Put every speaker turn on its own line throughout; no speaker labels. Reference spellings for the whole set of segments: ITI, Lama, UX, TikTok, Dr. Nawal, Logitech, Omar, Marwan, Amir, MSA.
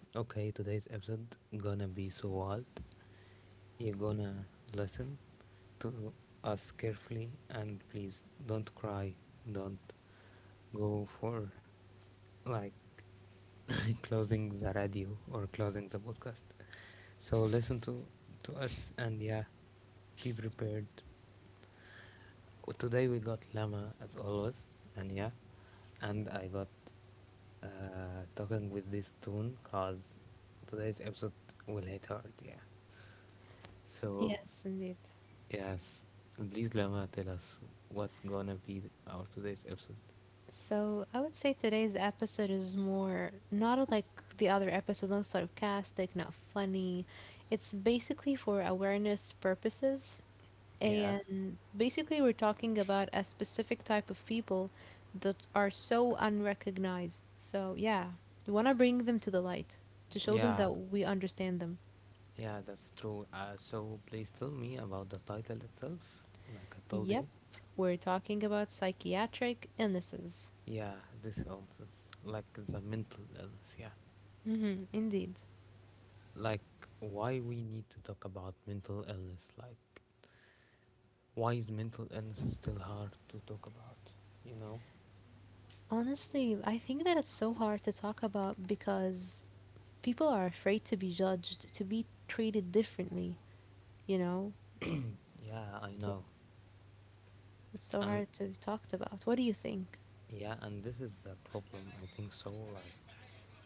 Okay, today's episode gonna be so wild. You're gonna listen to us carefully and please don't cry, don't go for like closing the radio or closing the podcast. So listen to us and yeah, be prepared. Today we got Lama as always and yeah, and I got uh, talking with this tone because today's episode will hit hard, yeah. So,
Yes, indeed.
yes, please, Lama, tell us what's gonna be our today's episode.
So I would say today's episode is more not like the other episodes, not sarcastic, not funny. It's basically for awareness purposes.
Yeah,
And basically, we're talking about a specific type of people that are so unrecognized. So, yeah, we want to bring them to the light to show them that
yeah,
we understand them.
yeah, that's true. So, please tell me about the title itself, like I told
Yep,
you.
we're talking about psychiatric illnesses.
Yeah, this illness, like the mental illness, yeah.
Indeed.
Like, why we need to talk about mental illness, like, why is mental illness still hard to talk about, you know?
Honestly, I think that it's so hard to talk about because people are afraid to be judged, to be treated differently, you know?
Yeah, I
So
know.
it's so
And
hard to talk about. What do you think?
Yeah, and this is the problem, I think so. Like,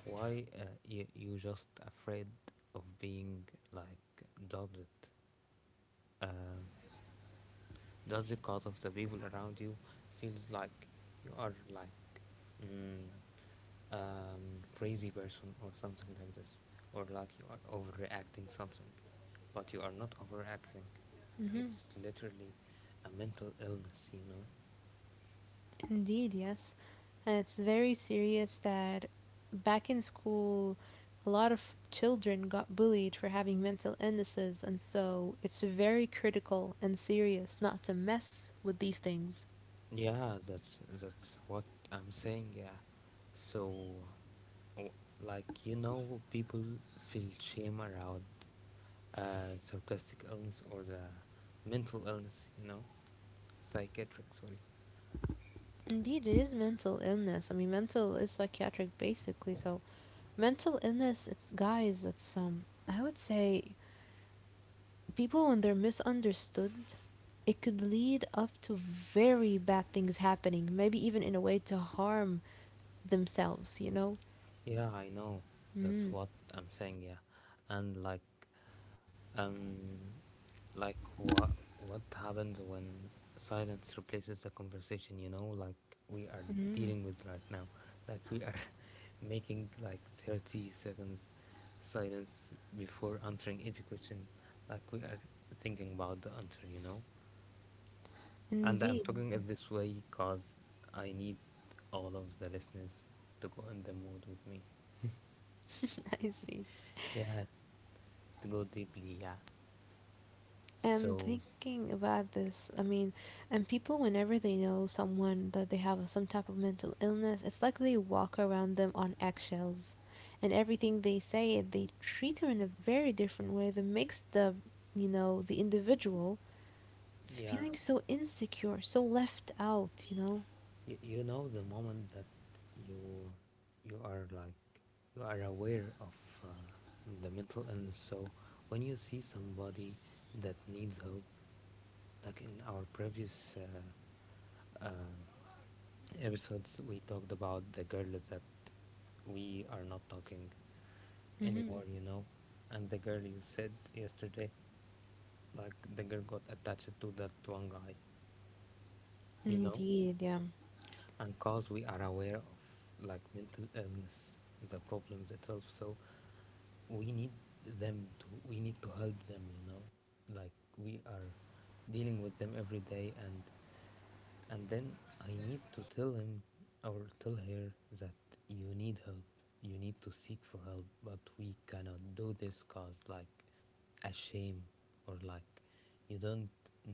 why you just afraid of being like doubted, Uh, judged because of the people around you feels like you are like mm, crazy person or something like this, or like you are overreacting something, but you are not overreacting.
hmm
It's literally a mental illness, you know.
Indeed, yes. And it's very serious that back in school, a lot of children got bullied for having mental illnesses, and so it's very critical and serious not to mess with these things.
Yeah, that's what I'm saying. Yeah, so w- like you know, people feel shame around sarcastic illness or the mental illness. You know, psychiatric. Sorry.
Indeed, it is mental illness. I mean, mental is psychiatric basically. So, mental illness, it's guys, it's I would say people when they're misunderstood, it could lead up to very bad things happening. Maybe even in a way to harm themselves. You know.
Yeah, I know. That's
Mm-hmm.
what I'm saying. Yeah, and like um, what happens when silence replaces the conversation, you know, like we are
Mm-hmm.
dealing with right now. Like we are making like 30 seconds silence before answering each question. Like we are thinking about the answer, you know. And I'm
Indeed,
talking it this way because I need all of the listeners to go in the mood with me.
I see.
Yeah, to go deeply, yeah.
And
So,
thinking about this, I mean, and people, whenever they know someone that they have some type of mental illness, it's like they walk around them on eggshells. And everything they say, they treat her in a very different way that makes the individual
yeah.
feeling so insecure, so left out, you know?
You know the moment that you you are like you are aware of uh, the mental illness. So when you see somebody that needs help, like in our previous uh, episodes, we talked about the girl that we are not talking
hmm
anymore. You know, and the girl you said yesterday, like the girl got attached to that one guy. You know,
Indeed, yeah.
and cause we are aware of like mental illness the problems itself so we need them to we need to help them, you know, like we are dealing with them every day, and then I need to tell him or tell her that you need help. You need to seek for help, but we cannot do this cause like a shame or like you don't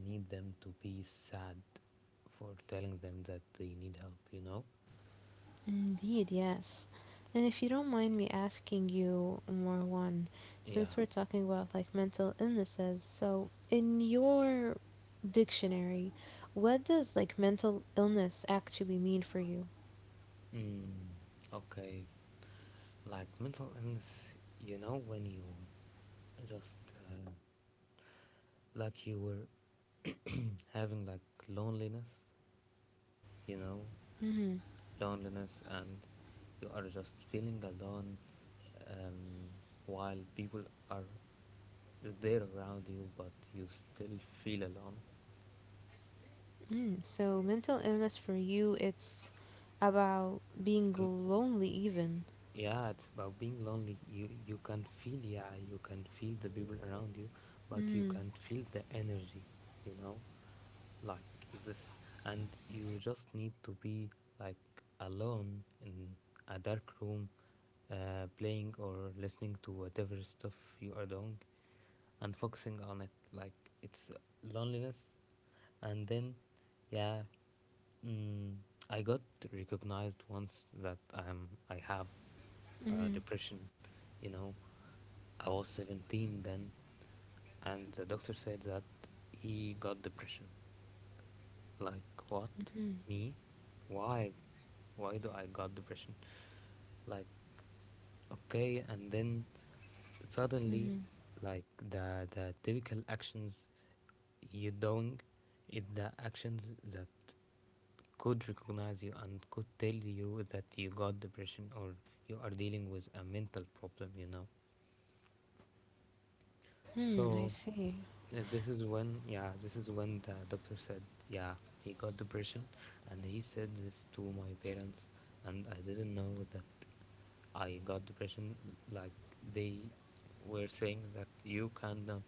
need them to be sad for telling them that they need help, you know.
Indeed, yes. And if you don't mind me asking you, Marwan,
Yeah.
since we're talking about like mental illnesses, so in your dictionary, what does like mental illness actually mean for you?
Mm, okay, like mental illness, you know, when you just uh, like you were having like loneliness, you know,
Mm-hmm.
loneliness, and you are just feeling alone, um, while people are there around you, but you still feel alone.
Mm. So mental illness for you, it's about being lonely even.
Yeah, it's about being lonely. You can feel, yeah, you can feel the people around you, but you
Mm.
can feel the energy, you know, like this. And you just need to be like alone in a dark room, playing or listening to whatever stuff you are doing, and focusing on it. Like it's loneliness, and then yeah. Mm, I got recognized once that I have
Mm-hmm.
depression. You know, I was 17 then, and the doctor said that he got depression. Like, what?
Mm-hmm.
Me? Why? Why do I got depression? Like, okay, and then suddenly,
Mm-hmm.
like the typical actions you doing it, the actions that could recognize you and could tell you that you got depression or you are dealing with a mental problem, you know.
Mm, I
So
see.
this is when, yeah, this is when the doctor said, yeah, he got depression, and he said this to my parents, and I didn't know that I got depression. Like they were saying that you cannot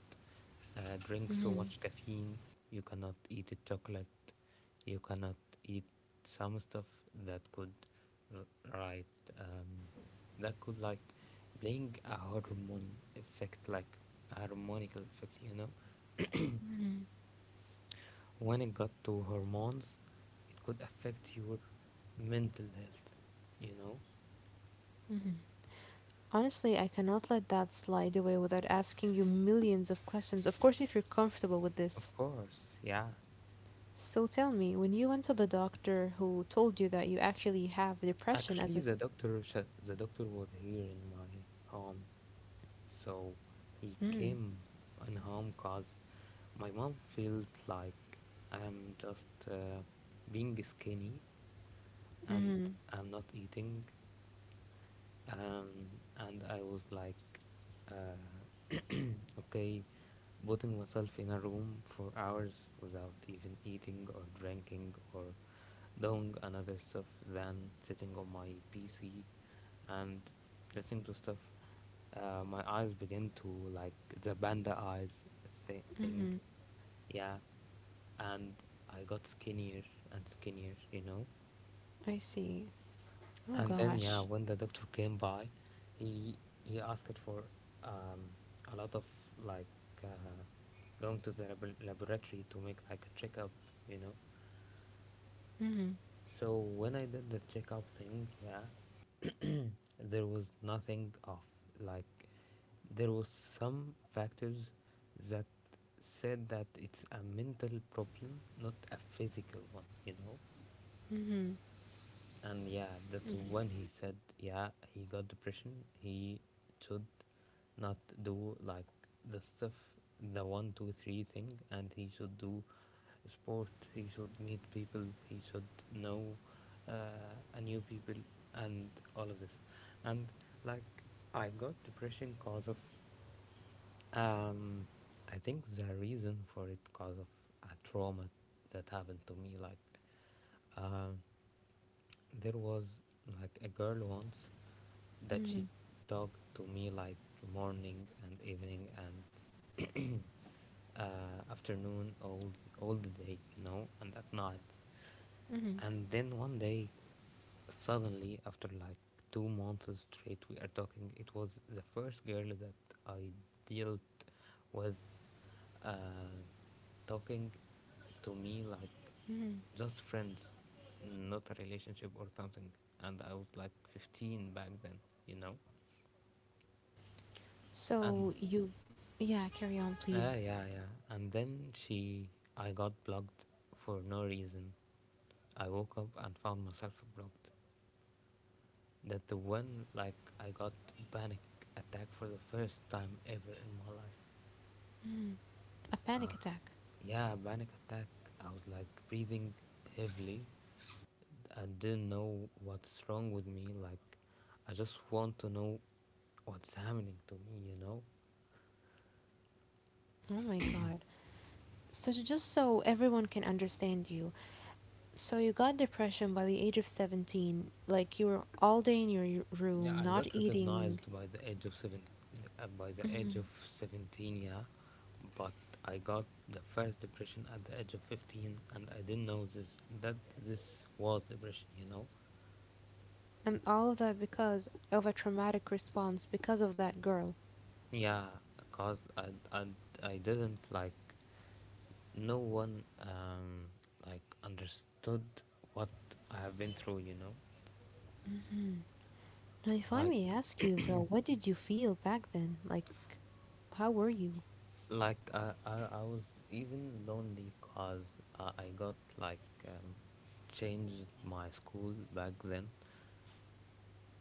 drink so much caffeine, you cannot eat a chocolate, you cannot eat some stuff that could, right, um, that could like bring a hormone effect, like harmonical effect, you know.
Hmm.
When it got to hormones, it could affect your mental health, you know.
Honestly, I cannot let that slide away without asking you millions of questions. Of course, if you're comfortable with
Of
this.
course, yeah.
So tell me, when you went to the doctor who told you that you actually have depression as
Actually,
a.
the doctor the doctor was here in my home, so he
Mm,
came in home cause my mom felt like I'm just being skinny and
mm,
I'm not eating, um, and I was like uh, okay, putting myself in a room for hours without even eating or drinking or doing another stuff than sitting on my PC and listening to stuff. My eyes begin to like the panda eyes thing.
mm-hmm,
Yeah, and I got skinnier and skinnier, you know?
I see. Oh
And then, yeah,
gosh.
when the doctor came by, he he asked for um, a lot of like uh, going to the laboratory to make like a checkup, you know.
Mm-hmm,
So when I did the checkup thing, yeah, there was nothing of. Like there was some factors that said that it's a mental problem, not a physical one, you know.
mm-hmm,
And yeah, that's when he said, yeah, he got depression. He should not do like the stuff, the one two three thing, and he should do sport, he should meet people, he should know a new people, and all of this. And like I got depression cause of um I think the reason for it cause of a trauma that happened to me, like um there was like a girl once that
mm-hmm,
she talked to me like morning and evening and afternoon, all the day, you know, and at night.
mm-hmm,
And then one day, suddenly after like 2 months straight, we are talking. It was the first girl that I dealt with uh, talking to me like
mm-hmm.
just friends, not a relationship or something. And I was like 15 back then, you know?
So
And
you, yeah, carry on, please.
yeah, yeah. And then she, I got blocked for no reason. I woke up and found myself blocked. That the one, like, I got panic attack for the first time ever in my life.
A panic
Uh,
attack.
yeah, panic attack. I was like breathing heavily. I didn't know what's wrong with me. Like, I just want to know what's happening to me. You know?
Oh my God. So just so everyone can understand you, so you got depression by the age of 17, like you were all day in your
Yeah,
room,
I
not
got
eating,
recognized by the age of seven, by the age of 17. Yeah, but I got the first depression at the age of 15, and I didn't know this that this was depression. You know?
and all of that because of a traumatic response because of that girl.
Yeah, cause I I didn't like no one, like understood what I have been through. You know?
Now, if I
Like
may ask you though, what did you feel back then? Like, how were you?
like I was even lonely cause I got like um, changed my school back then,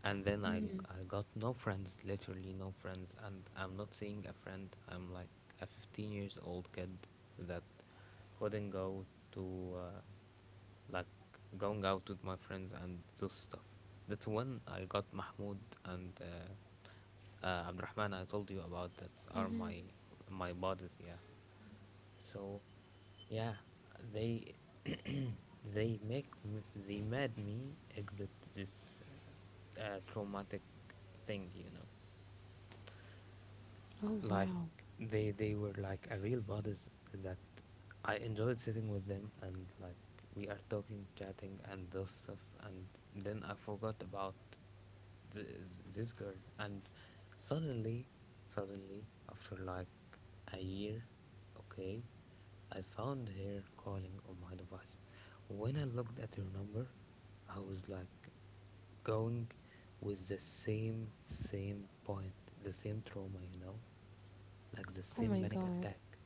and then
Mhm.
I got no friends, literally no friends, and I'm not seeing a friend. I'm like a 15 years old kid that couldn't go to like going out with my friends and those stuff. That's when I got Mahmoud and Abdurrahman I told you about that are
Mhm.
my my buddies, yeah. So yeah, they they they made me exit this traumatic thing, you know.
Oh
Like
wow.
they were like a real buddies that I enjoyed sitting with them, and like we are talking, chatting, and those stuff. And then I forgot about th- this girl, and suddenly, suddenly after like a year, okay, I found her calling on my device. When I looked at her number, I was like going with the same point, the same trauma, you know, like the
Oh
same
my
panic
god.
attack,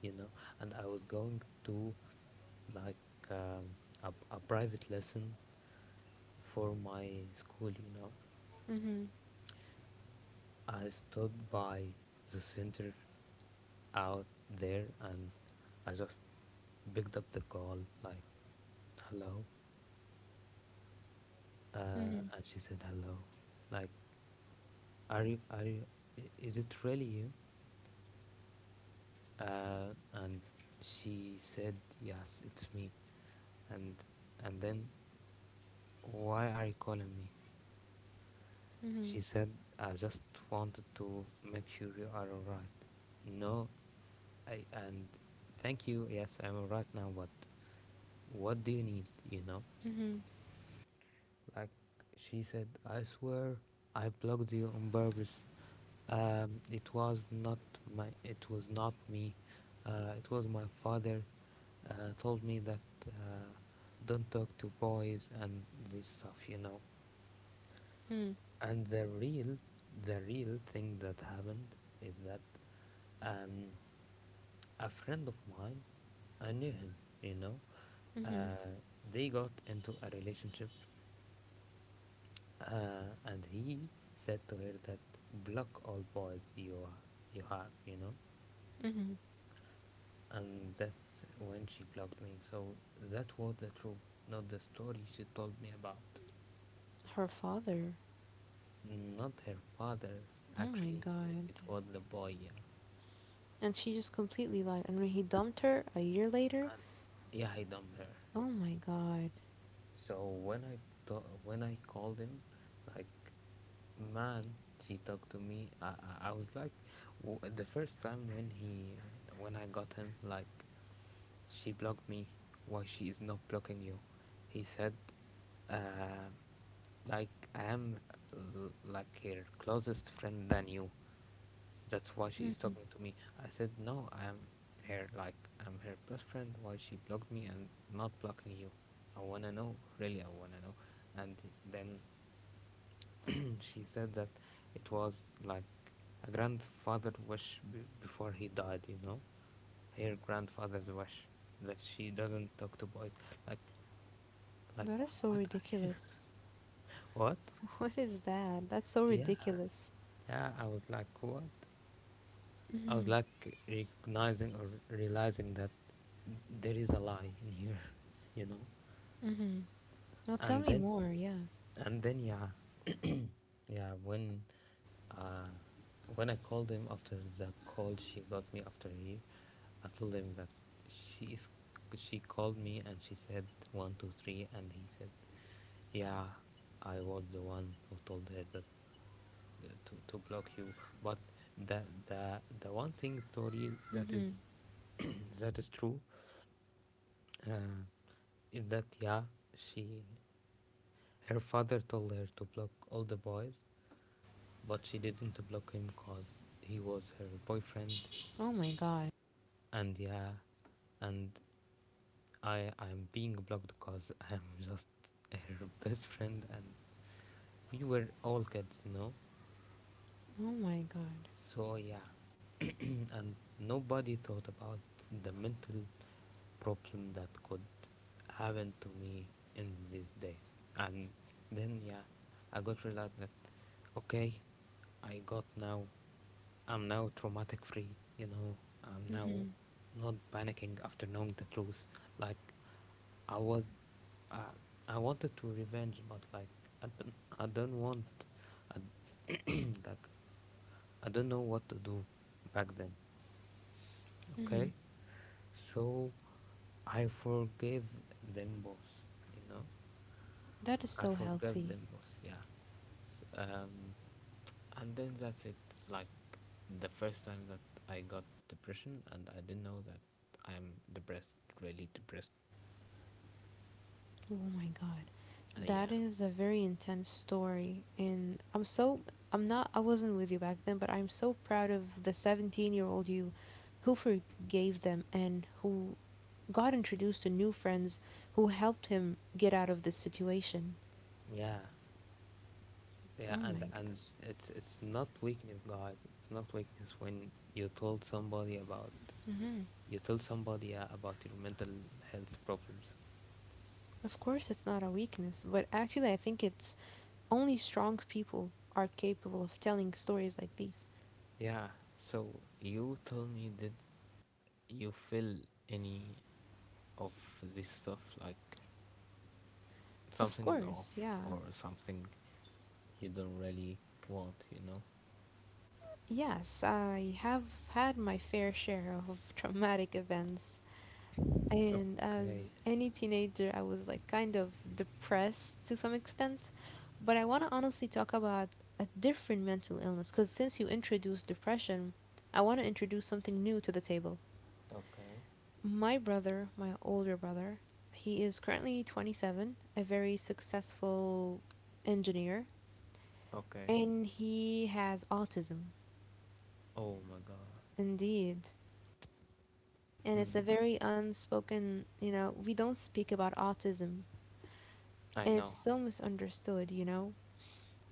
you know. And I was going to like um, a private lesson for my school, you know.
Mhm.
I stood by the center out there, and I just picked up the call, like, hello.
Mhm.
And she said hello. Like, are you, is it really you? And she said, yes, it's me. and and then, why are you calling me?
Mhm.
She said, I just wanted to make sure you are all right. No, I and thank you, yes, I'm all right now, but what do you need, you know?
Mhm.
Like, she said, I swear I blocked you on purpose. It was not my. It was not me. It was my father. Told me that uh, don't talk to boys and this stuff, you know.
Mhm.
And the real thing that happened is that um, a friend of mine, I knew him, you know.
Mhm.
Uh, they got into a relationship, and he said to her that block all boys you have, you know.
Mhm.
And that's when she blocked me. So that was the truth, not the story she told me about.
Her father.
Not her father,
Oh my
actually,
god.
it was the boy, yeah.
And she just completely lied. And when he dumped her a year later,
And yeah, I dumped her.
oh my god.
So when I when I called him, like, man, she talked to me. I was like, the first time when he when I got him, like, she blocked me. Why she is not blocking you? He said, uh, like I am like her closest friend than you. That's why she is talking to me. I said no, I am her like I'm her best friend. Why she blocked me and not blocking you? I wanna know, really, I wanna know. And then she said that it was like a grandfather wish before he died. You know, her grandfather's wish that she doesn't talk to boys. Like, like,
That is so
what?
ridiculous.
What?
What is that? That's so
Yeah,
ridiculous.
yeah. I was like, what? I was
Mm-hmm.
like recognizing or realizing that there is a lie in here, you know.
Mm-hmm. Now tell
And
me
then,
more. Yeah.
and then, yeah, yeah. Uh, when I called him after the call she got me after here, I told him that she is, she called me and she said one two three, and he said, yeah, I was the one who told her that to block you. But the one thing, sorry, that is
Mm-hmm.
that is true. Uh, in that, yeah, she, her father told her to block all the boys, but she didn't block him cause he was her boyfriend.
Oh my god.
And yeah, and I'm being blocked cause I'm just her best friend, and we were all kids.
Oh my god.
So yeah, and nobody thought about the mental problem that could happen to me in these days. And then yeah, I got realized that okay, I got now. I'm now traumatic free. You know, I'm now
Mm-hmm.
not panicking after knowing the truth. Like I was, I, I wanted to revenge, but like I don't, I don't want. I, like I don't know what to do back then.
Mm-hmm.
Okay, so I forgave them both, you know.
That is
I
so
forgave
healthy.
them both, yeah. Um, and then that's it. Like the first time that I got depression, and I didn't know that I'm depressed, really depressed.
Oh my god. That
Yeah,
is a very intense story, and I'm so I'm not I wasn't with you back then, but I'm so proud of the 17-year-old you, who forgave them and who got introduced to new friends who helped him get out of this situation.
yeah,
Oh
yeah.
my
And it's not weakness, guys. It's not weakness when
god.
you told somebody about your mental health problems.
Of course, it's not a weakness, but actually, I think it's only strong people are capable of telling stories like these.
Yeah, so you told me that you feel any of this stuff like
Of
something's off
course, yeah.
or something you don't really want, you know?
Yes, I have had my fair share of traumatic events. And
Okay.
as any teenager, I was like kind of depressed to some extent. But I want to honestly talk about a different mental illness because since you introduced depression, I want to introduce something new to the table.
Okay.
My brother, my older brother, he is currently 27, a very successful engineer,
Okay.
and he has autism.
Oh my god.
Indeed. And
Mm.
it's a very unspoken, you know, we don't speak about autism,
I
and it's
know.
so misunderstood, you know.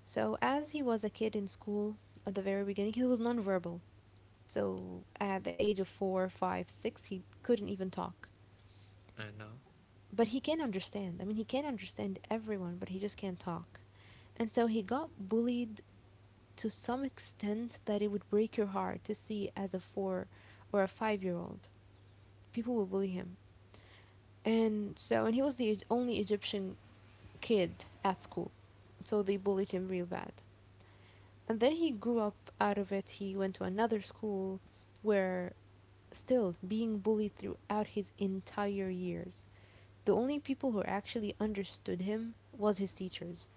So, as he was a kid in school at the very beginning, he was nonverbal. So, at the age of 4, 5, 6, he couldn't even talk.
I know.
But he can understand. I mean, he can understand everyone, but he just can't talk. And so he got bullied to some extent that it would break your heart to see as a 4 or a 5-year old. People would bully him. And so, and he was the only Egyptian kid at school. So they bullied him real bad. And then he grew up out of it. He went to another school where still being bullied throughout his entire years. The only people who actually understood him was his teachers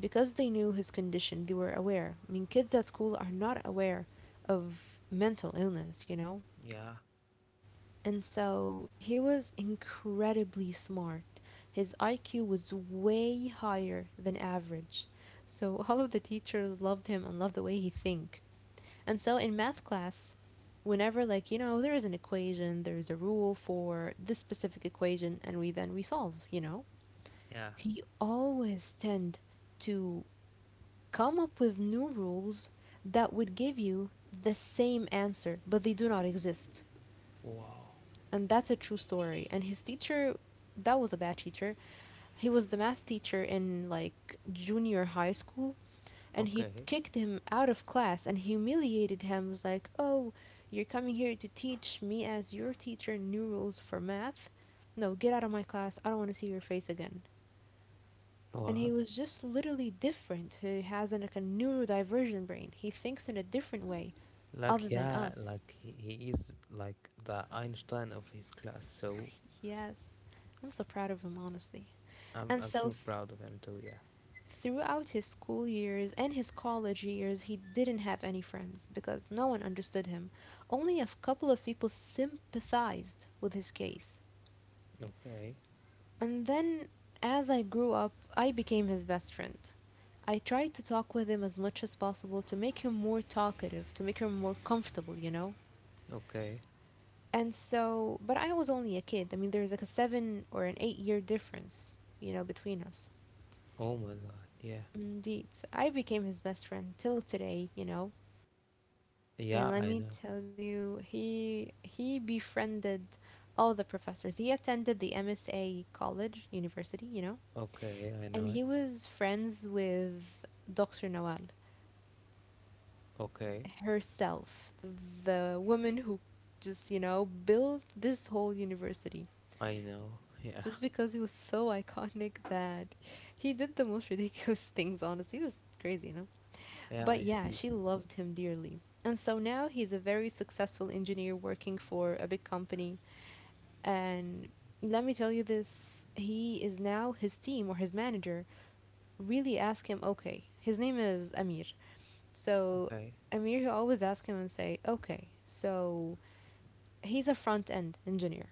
because they knew his condition, they were aware. I mean, kids at school are not aware of mental illness, you know?
Yeah.
And so he was incredibly smart. His IQ was way higher than average. So all of the teachers loved him and loved the way he think. And so in math class, whenever like, you know, there is an equation, there is a rule for this specific equation and we then we solve, you know?
Yeah.
He always tend to come up with new rules that would give you the same answer, but they do not exist.
Wow.
And that's a true story. And his teacher, that was a bad teacher. He was the math teacher in like junior high school, and he
Okay.
kicked him out of class and humiliated him. It was like, oh, you're coming here to teach me as your teacher new rules for math. No, get out of my class. I don't want to see your face again. And he
What?
was just literally different. He has like a neurodivergent brain. He thinks in a different way other
Like
than
yeah,
us.
like he is like the Einstein of his class, so
Yes, I'm so proud of him, honestly.
I'm
And
I'm
so,
so proud of him too, yeah.
throughout his school years and his college years, he didn't have any friends because no one understood him. Only a couple of people sympathized with his case.
Okay.
And then, as I grew up, I became his best friend. I tried to talk with him as much as possible to make him more talkative, to make him more comfortable, you know?
Okay.
And so, but I was only a kid. I mean, there's like a 7 or an 8-year difference, you know, between us.
Oh my god, yeah.
Indeed. So I became his best friend till today, you know. And
Yeah,
let
I
me
know.
tell you, he befriended all the professors. He attended the MSA college, university, you know.
Okay, I know
And
it.
he was friends with Dr. Nawal
Okay,
herself, the woman who just, you know, built this whole university.
I know. Yeah,
Just because he was so iconic that he did the most ridiculous things, honestly. It was crazy, you know?
yeah,
But
I
yeah,
see.
she loved him dearly. And so now he's a very successful engineer working for a big company. And let me tell you this, he is now, his team or his manager really ask him, okay, his name is Amir. So
Okay,
Amir, he always ask him and say, okay, so he's a front end engineer.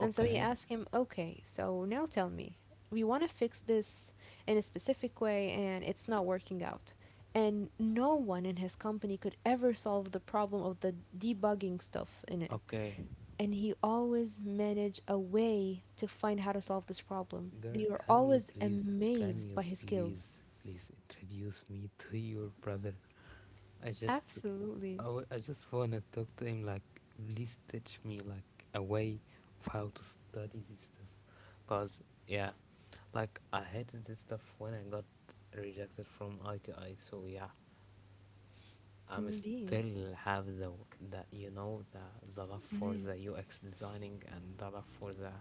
And so he asked him, okay, so now tell me, we want to fix this in a specific way and it's not working out. And no one in his company could ever solve the problem of the debugging stuff in it.
okay.
And he always managed a way to find how to solve this problem.
Girl,
They were always
can
amazed
you
by his
please,
skills.
please introduce me to your brother? I just,
Absolutely.
I just wanna talk to him. Like, please teach me like a way of how to study this stuff, cause yeah, like I hated this stuff when I got rejected from ITI. So yeah, I'm
Indeed.
still have the love for
hmm
the UX designing and the love for the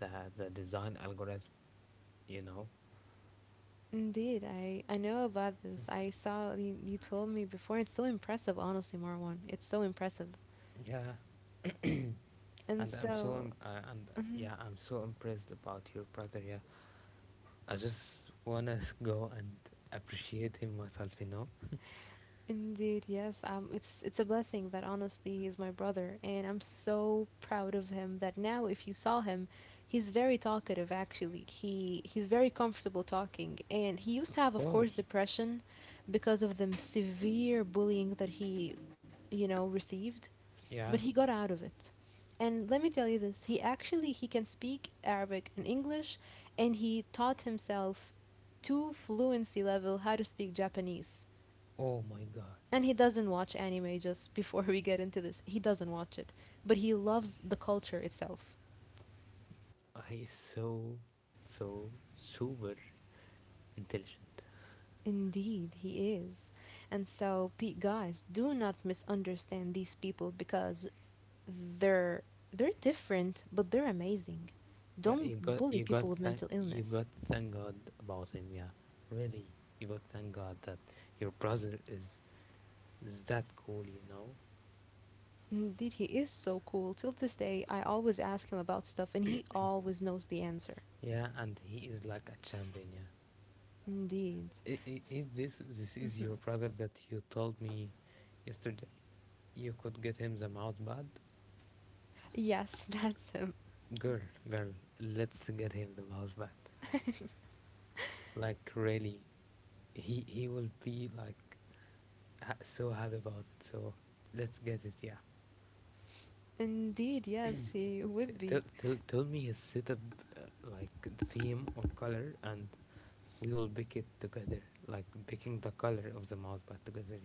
the the design algorithm, you know.
Indeed. I know about this. I saw you, you told me before. It's so impressive, honestly, Marwan. It's so impressive.
Yeah,
And
and
so, mhm,
I'm so impressed about your brother. Yeah, I just wanna go and appreciate him myself.
indeed, yes, it's a blessing that honestly he's my brother, and I'm so proud of him that now if you saw him, he's very talkative actually. He's very comfortable talking, and he used to
Of
have, of course,
course.
depression because of the severe bullying that he, you know, received. But
Yeah.
he got out of it. And let me tell you this, he actually he can speak Arabic and English, and he taught himself to fluency level how to speak Japanese.
Oh my God,
And he doesn't watch anime. Just before we get into this, he doesn't watch it, but he loves the culture itself.
he is so super intelligent.
Indeed, he is. And so guys, do not misunderstand these people because they're they're different, but they're amazing.
Yeah,
Don't bully people with mental
you got
illness.
thank God about him. Yeah, really, you got thank God that your brother is that cool, you know?
Indeed, he is so cool. Till this day, I always ask him about stuff and he always knows the answer.
Yeah, and he is like a champion. Yeah,
Indeed. S-
if this is your brother that you told me yesterday, you could get him the mouse pad.
yes, that's him.
Girl, girl, let's get him the mouse pad. Like really, he will be like so happy about it. So let's get it. Yeah.
Indeed, yes, he
T-
would
Tell,
be.
tell, tell me his setup, like theme or color, and we will pick it together. Like picking the color of the mouse pad together.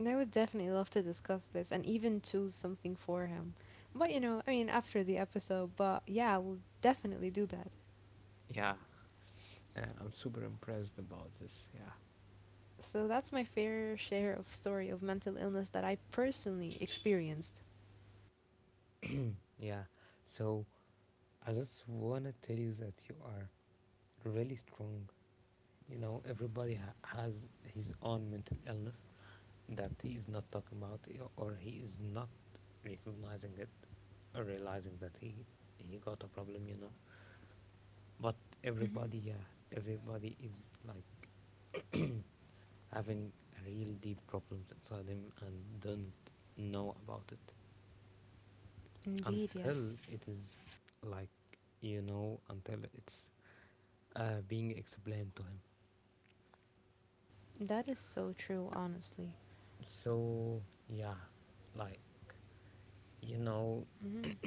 And I would definitely love to discuss this and even choose something for him. But you know, I mean, after the episode, but yeah, we'll definitely do that.
Yeah, yeah. I'm super impressed about this. Yeah,
So that's my fair share of story of mental illness that I personally experienced.
yeah. So I just wanna tell you that you are really strong. You know, everybody has his own mental illness that he is not talking about, or he is not recognizing it, or realizing that he got a problem. You know. But
hmm
everybody, yeah, everybody is like having real deep problems inside them and don't know about it
Indeed,
until
yes.
it is like until it's being explained to him.
That is so true, honestly.
So yeah, like you know,
hmm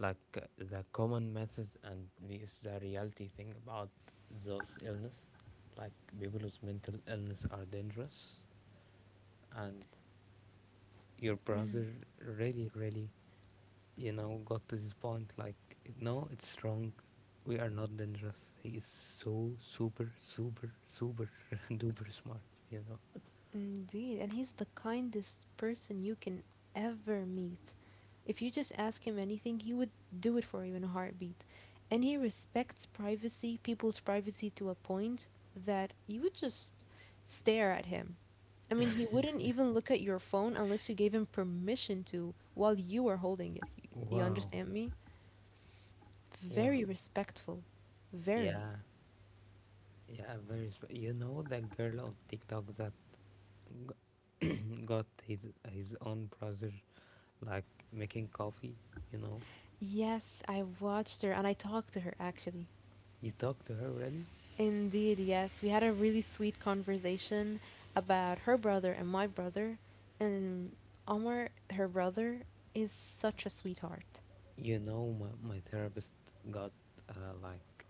like the common methods and this the reality thing about those illness, like people with mental illness are dangerous, and your brother really really got to this point like, no, it's wrong. We are not dangerous. He is so super, super, super duper smart, you know.
Indeed, and he's the kindest person you can ever meet. If you just ask him anything, he would do it for you in a heartbeat. And he respects privacy, people's privacy to a point that you would just stare at him. I mean, he wouldn't even look at your phone unless you gave him permission to while you were holding it. You
Wow,
understand me? Very
wow.
respectful. Very.
Yeah, yeah, you know that girl on TikTok that g- got his own brother like making coffee, you know?
Yes, I watched her and I talked to her actually.
You talk to her really?
Indeed, yes. We had a really sweet conversation about her brother and my brother. And Omar, her brother, is such a sweetheart.
You know my therapist got like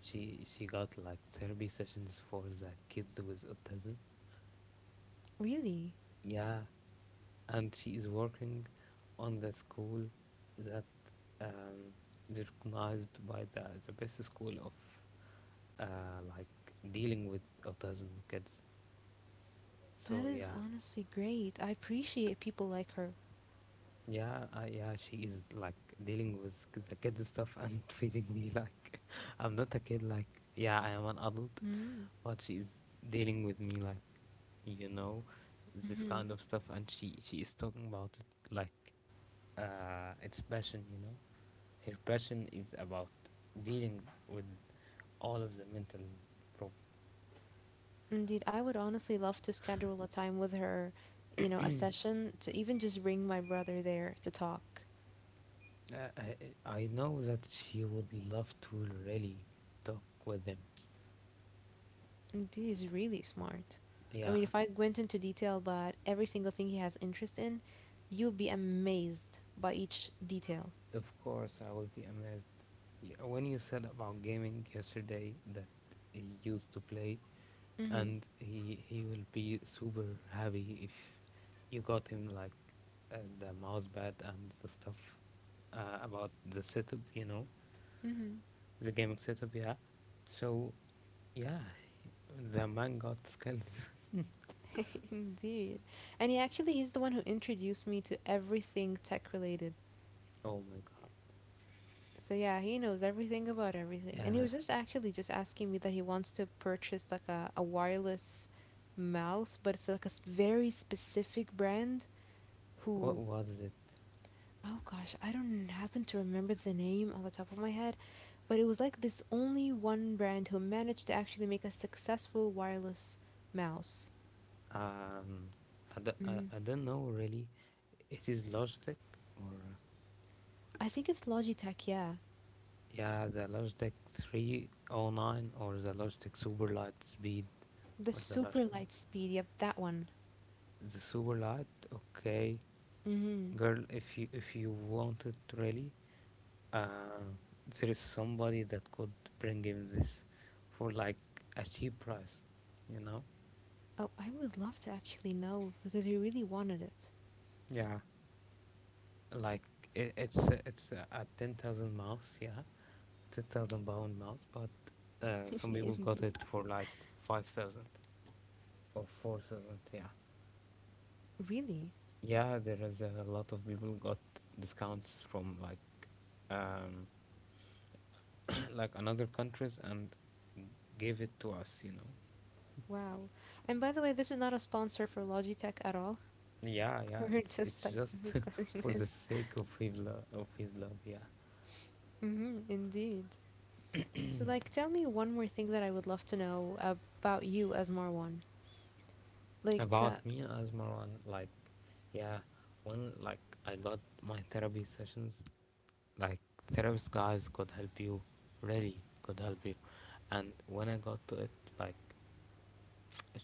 she got like therapy sessions for the kids with autism.
Really.
Yeah, and she is working on the school that um, is recognized by the best school of like dealing with autism kids.
That
So
is
yeah,
honestly great. I appreciate people like her.
yeah, yeah. She is like dealing with the kids stuff and treating me like I'm not a kid. Like yeah, I am an adult,
Mm-hmm.
but she is dealing with me like you know this kind of stuff, and she is talking about it like it's passion. Her passion is about dealing with all of the mental problems.
Indeed, I would honestly love to schedule a time with her, you know, a session to even just bring my brother there to talk.
Uh, I, I know that she would love to really talk with him.
And he is really smart. I
Yeah,
mean, if I went into detail about every single thing he has interest in, you'll be amazed by each detail.
of course, I will be amazed. When you said about gaming yesterday that he used to play,
Hmm.
and he will be super happy if you got him like the mouse pad and the stuff about the setup,
Hmm.
the gaming setup, yeah. So yeah, the man got skills.
Indeed. And he's the one who introduced me to everything tech related.
Oh my god.
So yeah, he knows everything about everything. And he
Yeah,
was just actually just asking me that he wants to purchase like a wireless mouse, but it's like very specific brand
what
who
was it?
Oh gosh, I don't happen to remember the name on the top of my head, but it was like this only one brand who managed to actually make a successful wireless mouse.
Um,
Hmm.
I don't know really. It is Logitech or
I think it's Logitech, yeah.
yeah, the Logitech 309 or the Logitech Superlight Speed
The
or the
super
Logitech
light speed, yep, that one.
the Superlight. Okay,
Hmm.
girl, if you want it really, uh, there is somebody that could bring him this for like a cheap price, you know?
Oh, I would love to actually know because you really wanted it.
Yeah, like it's at 10,000 miles, yeah, 10,000 pound miles, but some people got
Indeed.
it for like 5,000 or 4,000, yeah.
Really?
Yeah, there is a lot of people got discounts from like um like another countries and gave it to us.
Wow. And by the way, this is not a sponsor for Logitech at all.
Yeah, yeah,
We're
it's
just
it's
like
just
discussing
for the
this.
sake of his love, yeah.
Hmm, indeed. So, like, tell me one more thing that I would love to know about you as Marwan. Like,
About me as Marwan, like, yeah, when like I got my therapy sessions, like therapist guys could help you, really could help you, and when I got to it, like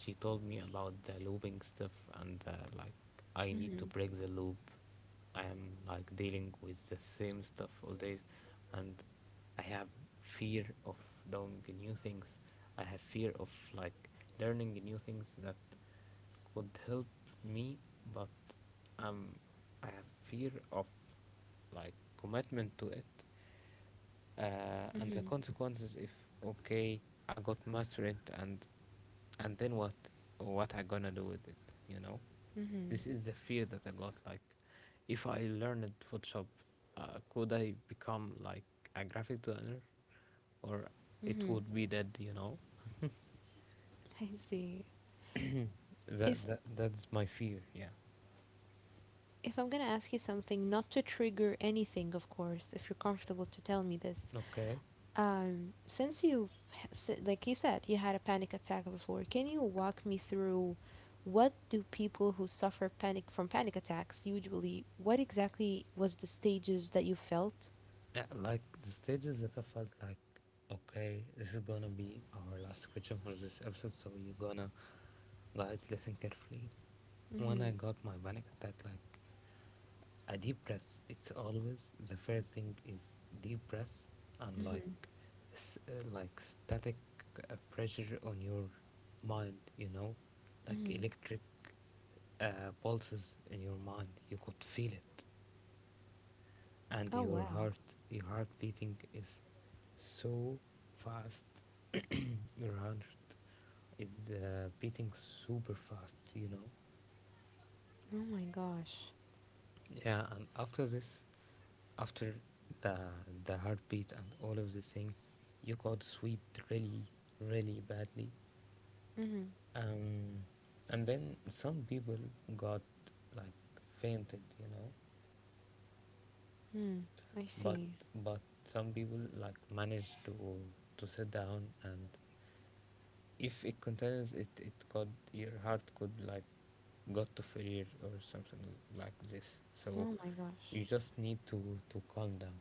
she told me about the looping stuff and like I need to
mm-hmm,
break the loop. I am like dealing with the same stuff all days, and I have fear of doing new things. I have fear of like learning new things that could help me, but um I have fear of like commitment to it, and the
mm-hmm,
consequences if okay, I got mass rent, and then what I gonna do with it, you know.
mm-hmm,
This is the fear that I got, like if I learned Photoshop, could I become like a graphic designer, or it
mm-hmm.
would be dead, you know.
I see.
that,
If
that that's my fear, yeah.
if I'm gonna ask you something, not to trigger anything, of course, if you're comfortable to tell me this.
Okay.
Since like you said, you had a panic attack before, can you walk me through what do people who suffer panic from panic attacks usually? What exactly was the stages that you felt?
Yeah, like the stages that I felt like, okay, this is gonna be our last question for this episode, so you're gonna, guys, listen carefully. When
Mm-hmm,
I got my panic attack, like a deep breath, it's always the first thing is deep breath, and
mm-hmm,
like, like static pressure on your mind, like
mm-hmm.
electric pulses in your mind. You could feel it, and
Oh
your
wow.
heart your heart beating is so fast. Your heart is beating super fast.
Oh my gosh.
Yeah, and after this, after the the heartbeat and all of these things, you got sweet really really badly.
Mhm.
um and then some people got like fainted.
Mm. I
But
see.
some people like managed to sit down, and if it continues, it could, your heart could like got to failure or something like this. So
Oh my gosh.
you just need to calm down.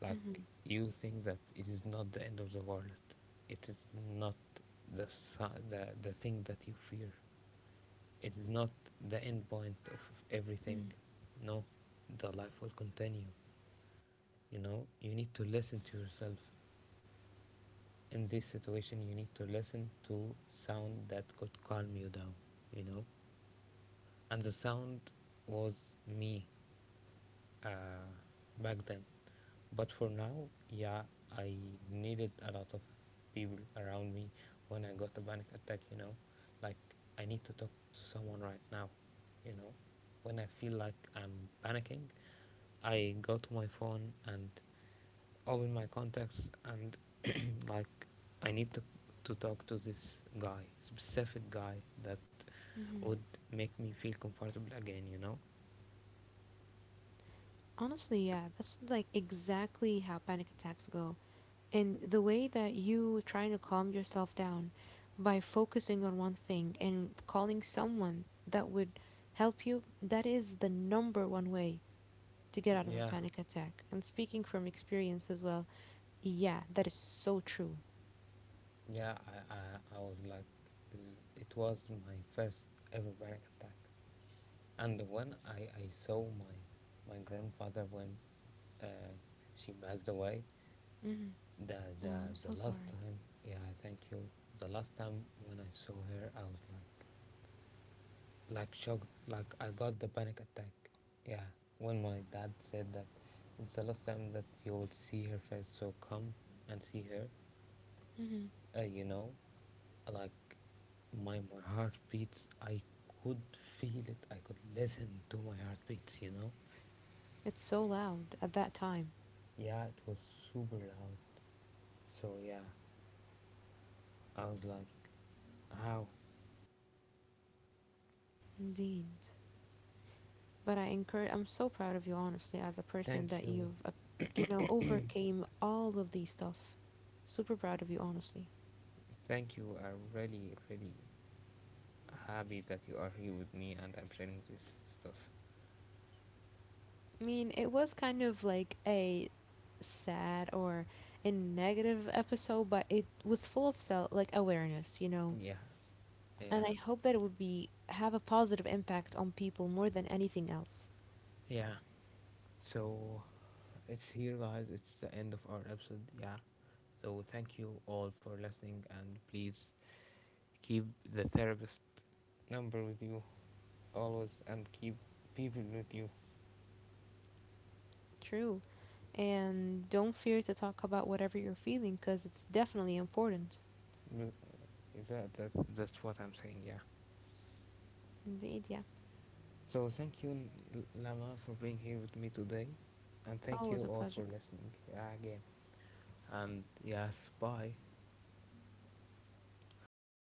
Like
Mhm.
you think that it is not the end of the world, it is not the the thing that you fear, it is not the end point of everything.
Mhm.
No, the life will continue. You know, you need to listen to yourself in this situation, you need to listen to sound that could calm you down you know and the sound was me, uh, back then, but for now yeah, I needed a lot of people around me when I got a panic attack. Like I need to talk to someone right now, you know when I feel like I'm panicking. I go to my phone and open my contacts and like I need to talk to this guy, specific guy that
Mhm.
would make me feel comfortable again, you know?
Honestly, yeah, that's like exactly how panic attacks go. And the way that you trying to calm yourself down by focusing on one thing and calling someone that would help you, that is the number one way to get out of a
Yeah,
panic attack. And speaking from experience as well, yeah, that is so true.
yeah, I was like, it was my first ever panic attack. And when I saw my grandfather when uh, she passed away,
Mhm.
the,
Oh,
the
I'm so
the last
sorry.
time, yeah, thank you. The last time when I saw her, I was like, shocked, like I got the panic attack, yeah, when my dad said that it's the last time that you will see her face, so come and see her,
Mhm.
uh, you know like my heart beats, I could feel it, I could listen to my heartbeats.
It's so loud at that time.
Yeah, it was super loud. So yeah, I was like, how.
Indeed. But I encourage, I'm so proud of you, honestly, as a person
Thank
that
you,
you've, you know, overcame all of these stuff. Super proud of you, honestly.
thank you. I really really happy that you are here with me, and I'm sharing this stuff.
I mean, it was kind of like a sad or a negative episode, but it was full of self, like awareness, you know.
Yeah, yeah,
And I hope that it would be have a positive impact on people more than anything else.
yeah. So it's here, guys. It's the end of our episode. Yeah. So thank you all for listening, and please keep the therapist number with you always, and keep people with you.
True. And don't fear to talk about whatever you're feeling, because it's definitely important.
Is that that's what I'm saying? Yeah.
Indeed, yeah.
So thank you, Lama, for being here with me today, and thank you
Always a
all
pleasure.
for listening. Yeah, again. And yes, bye.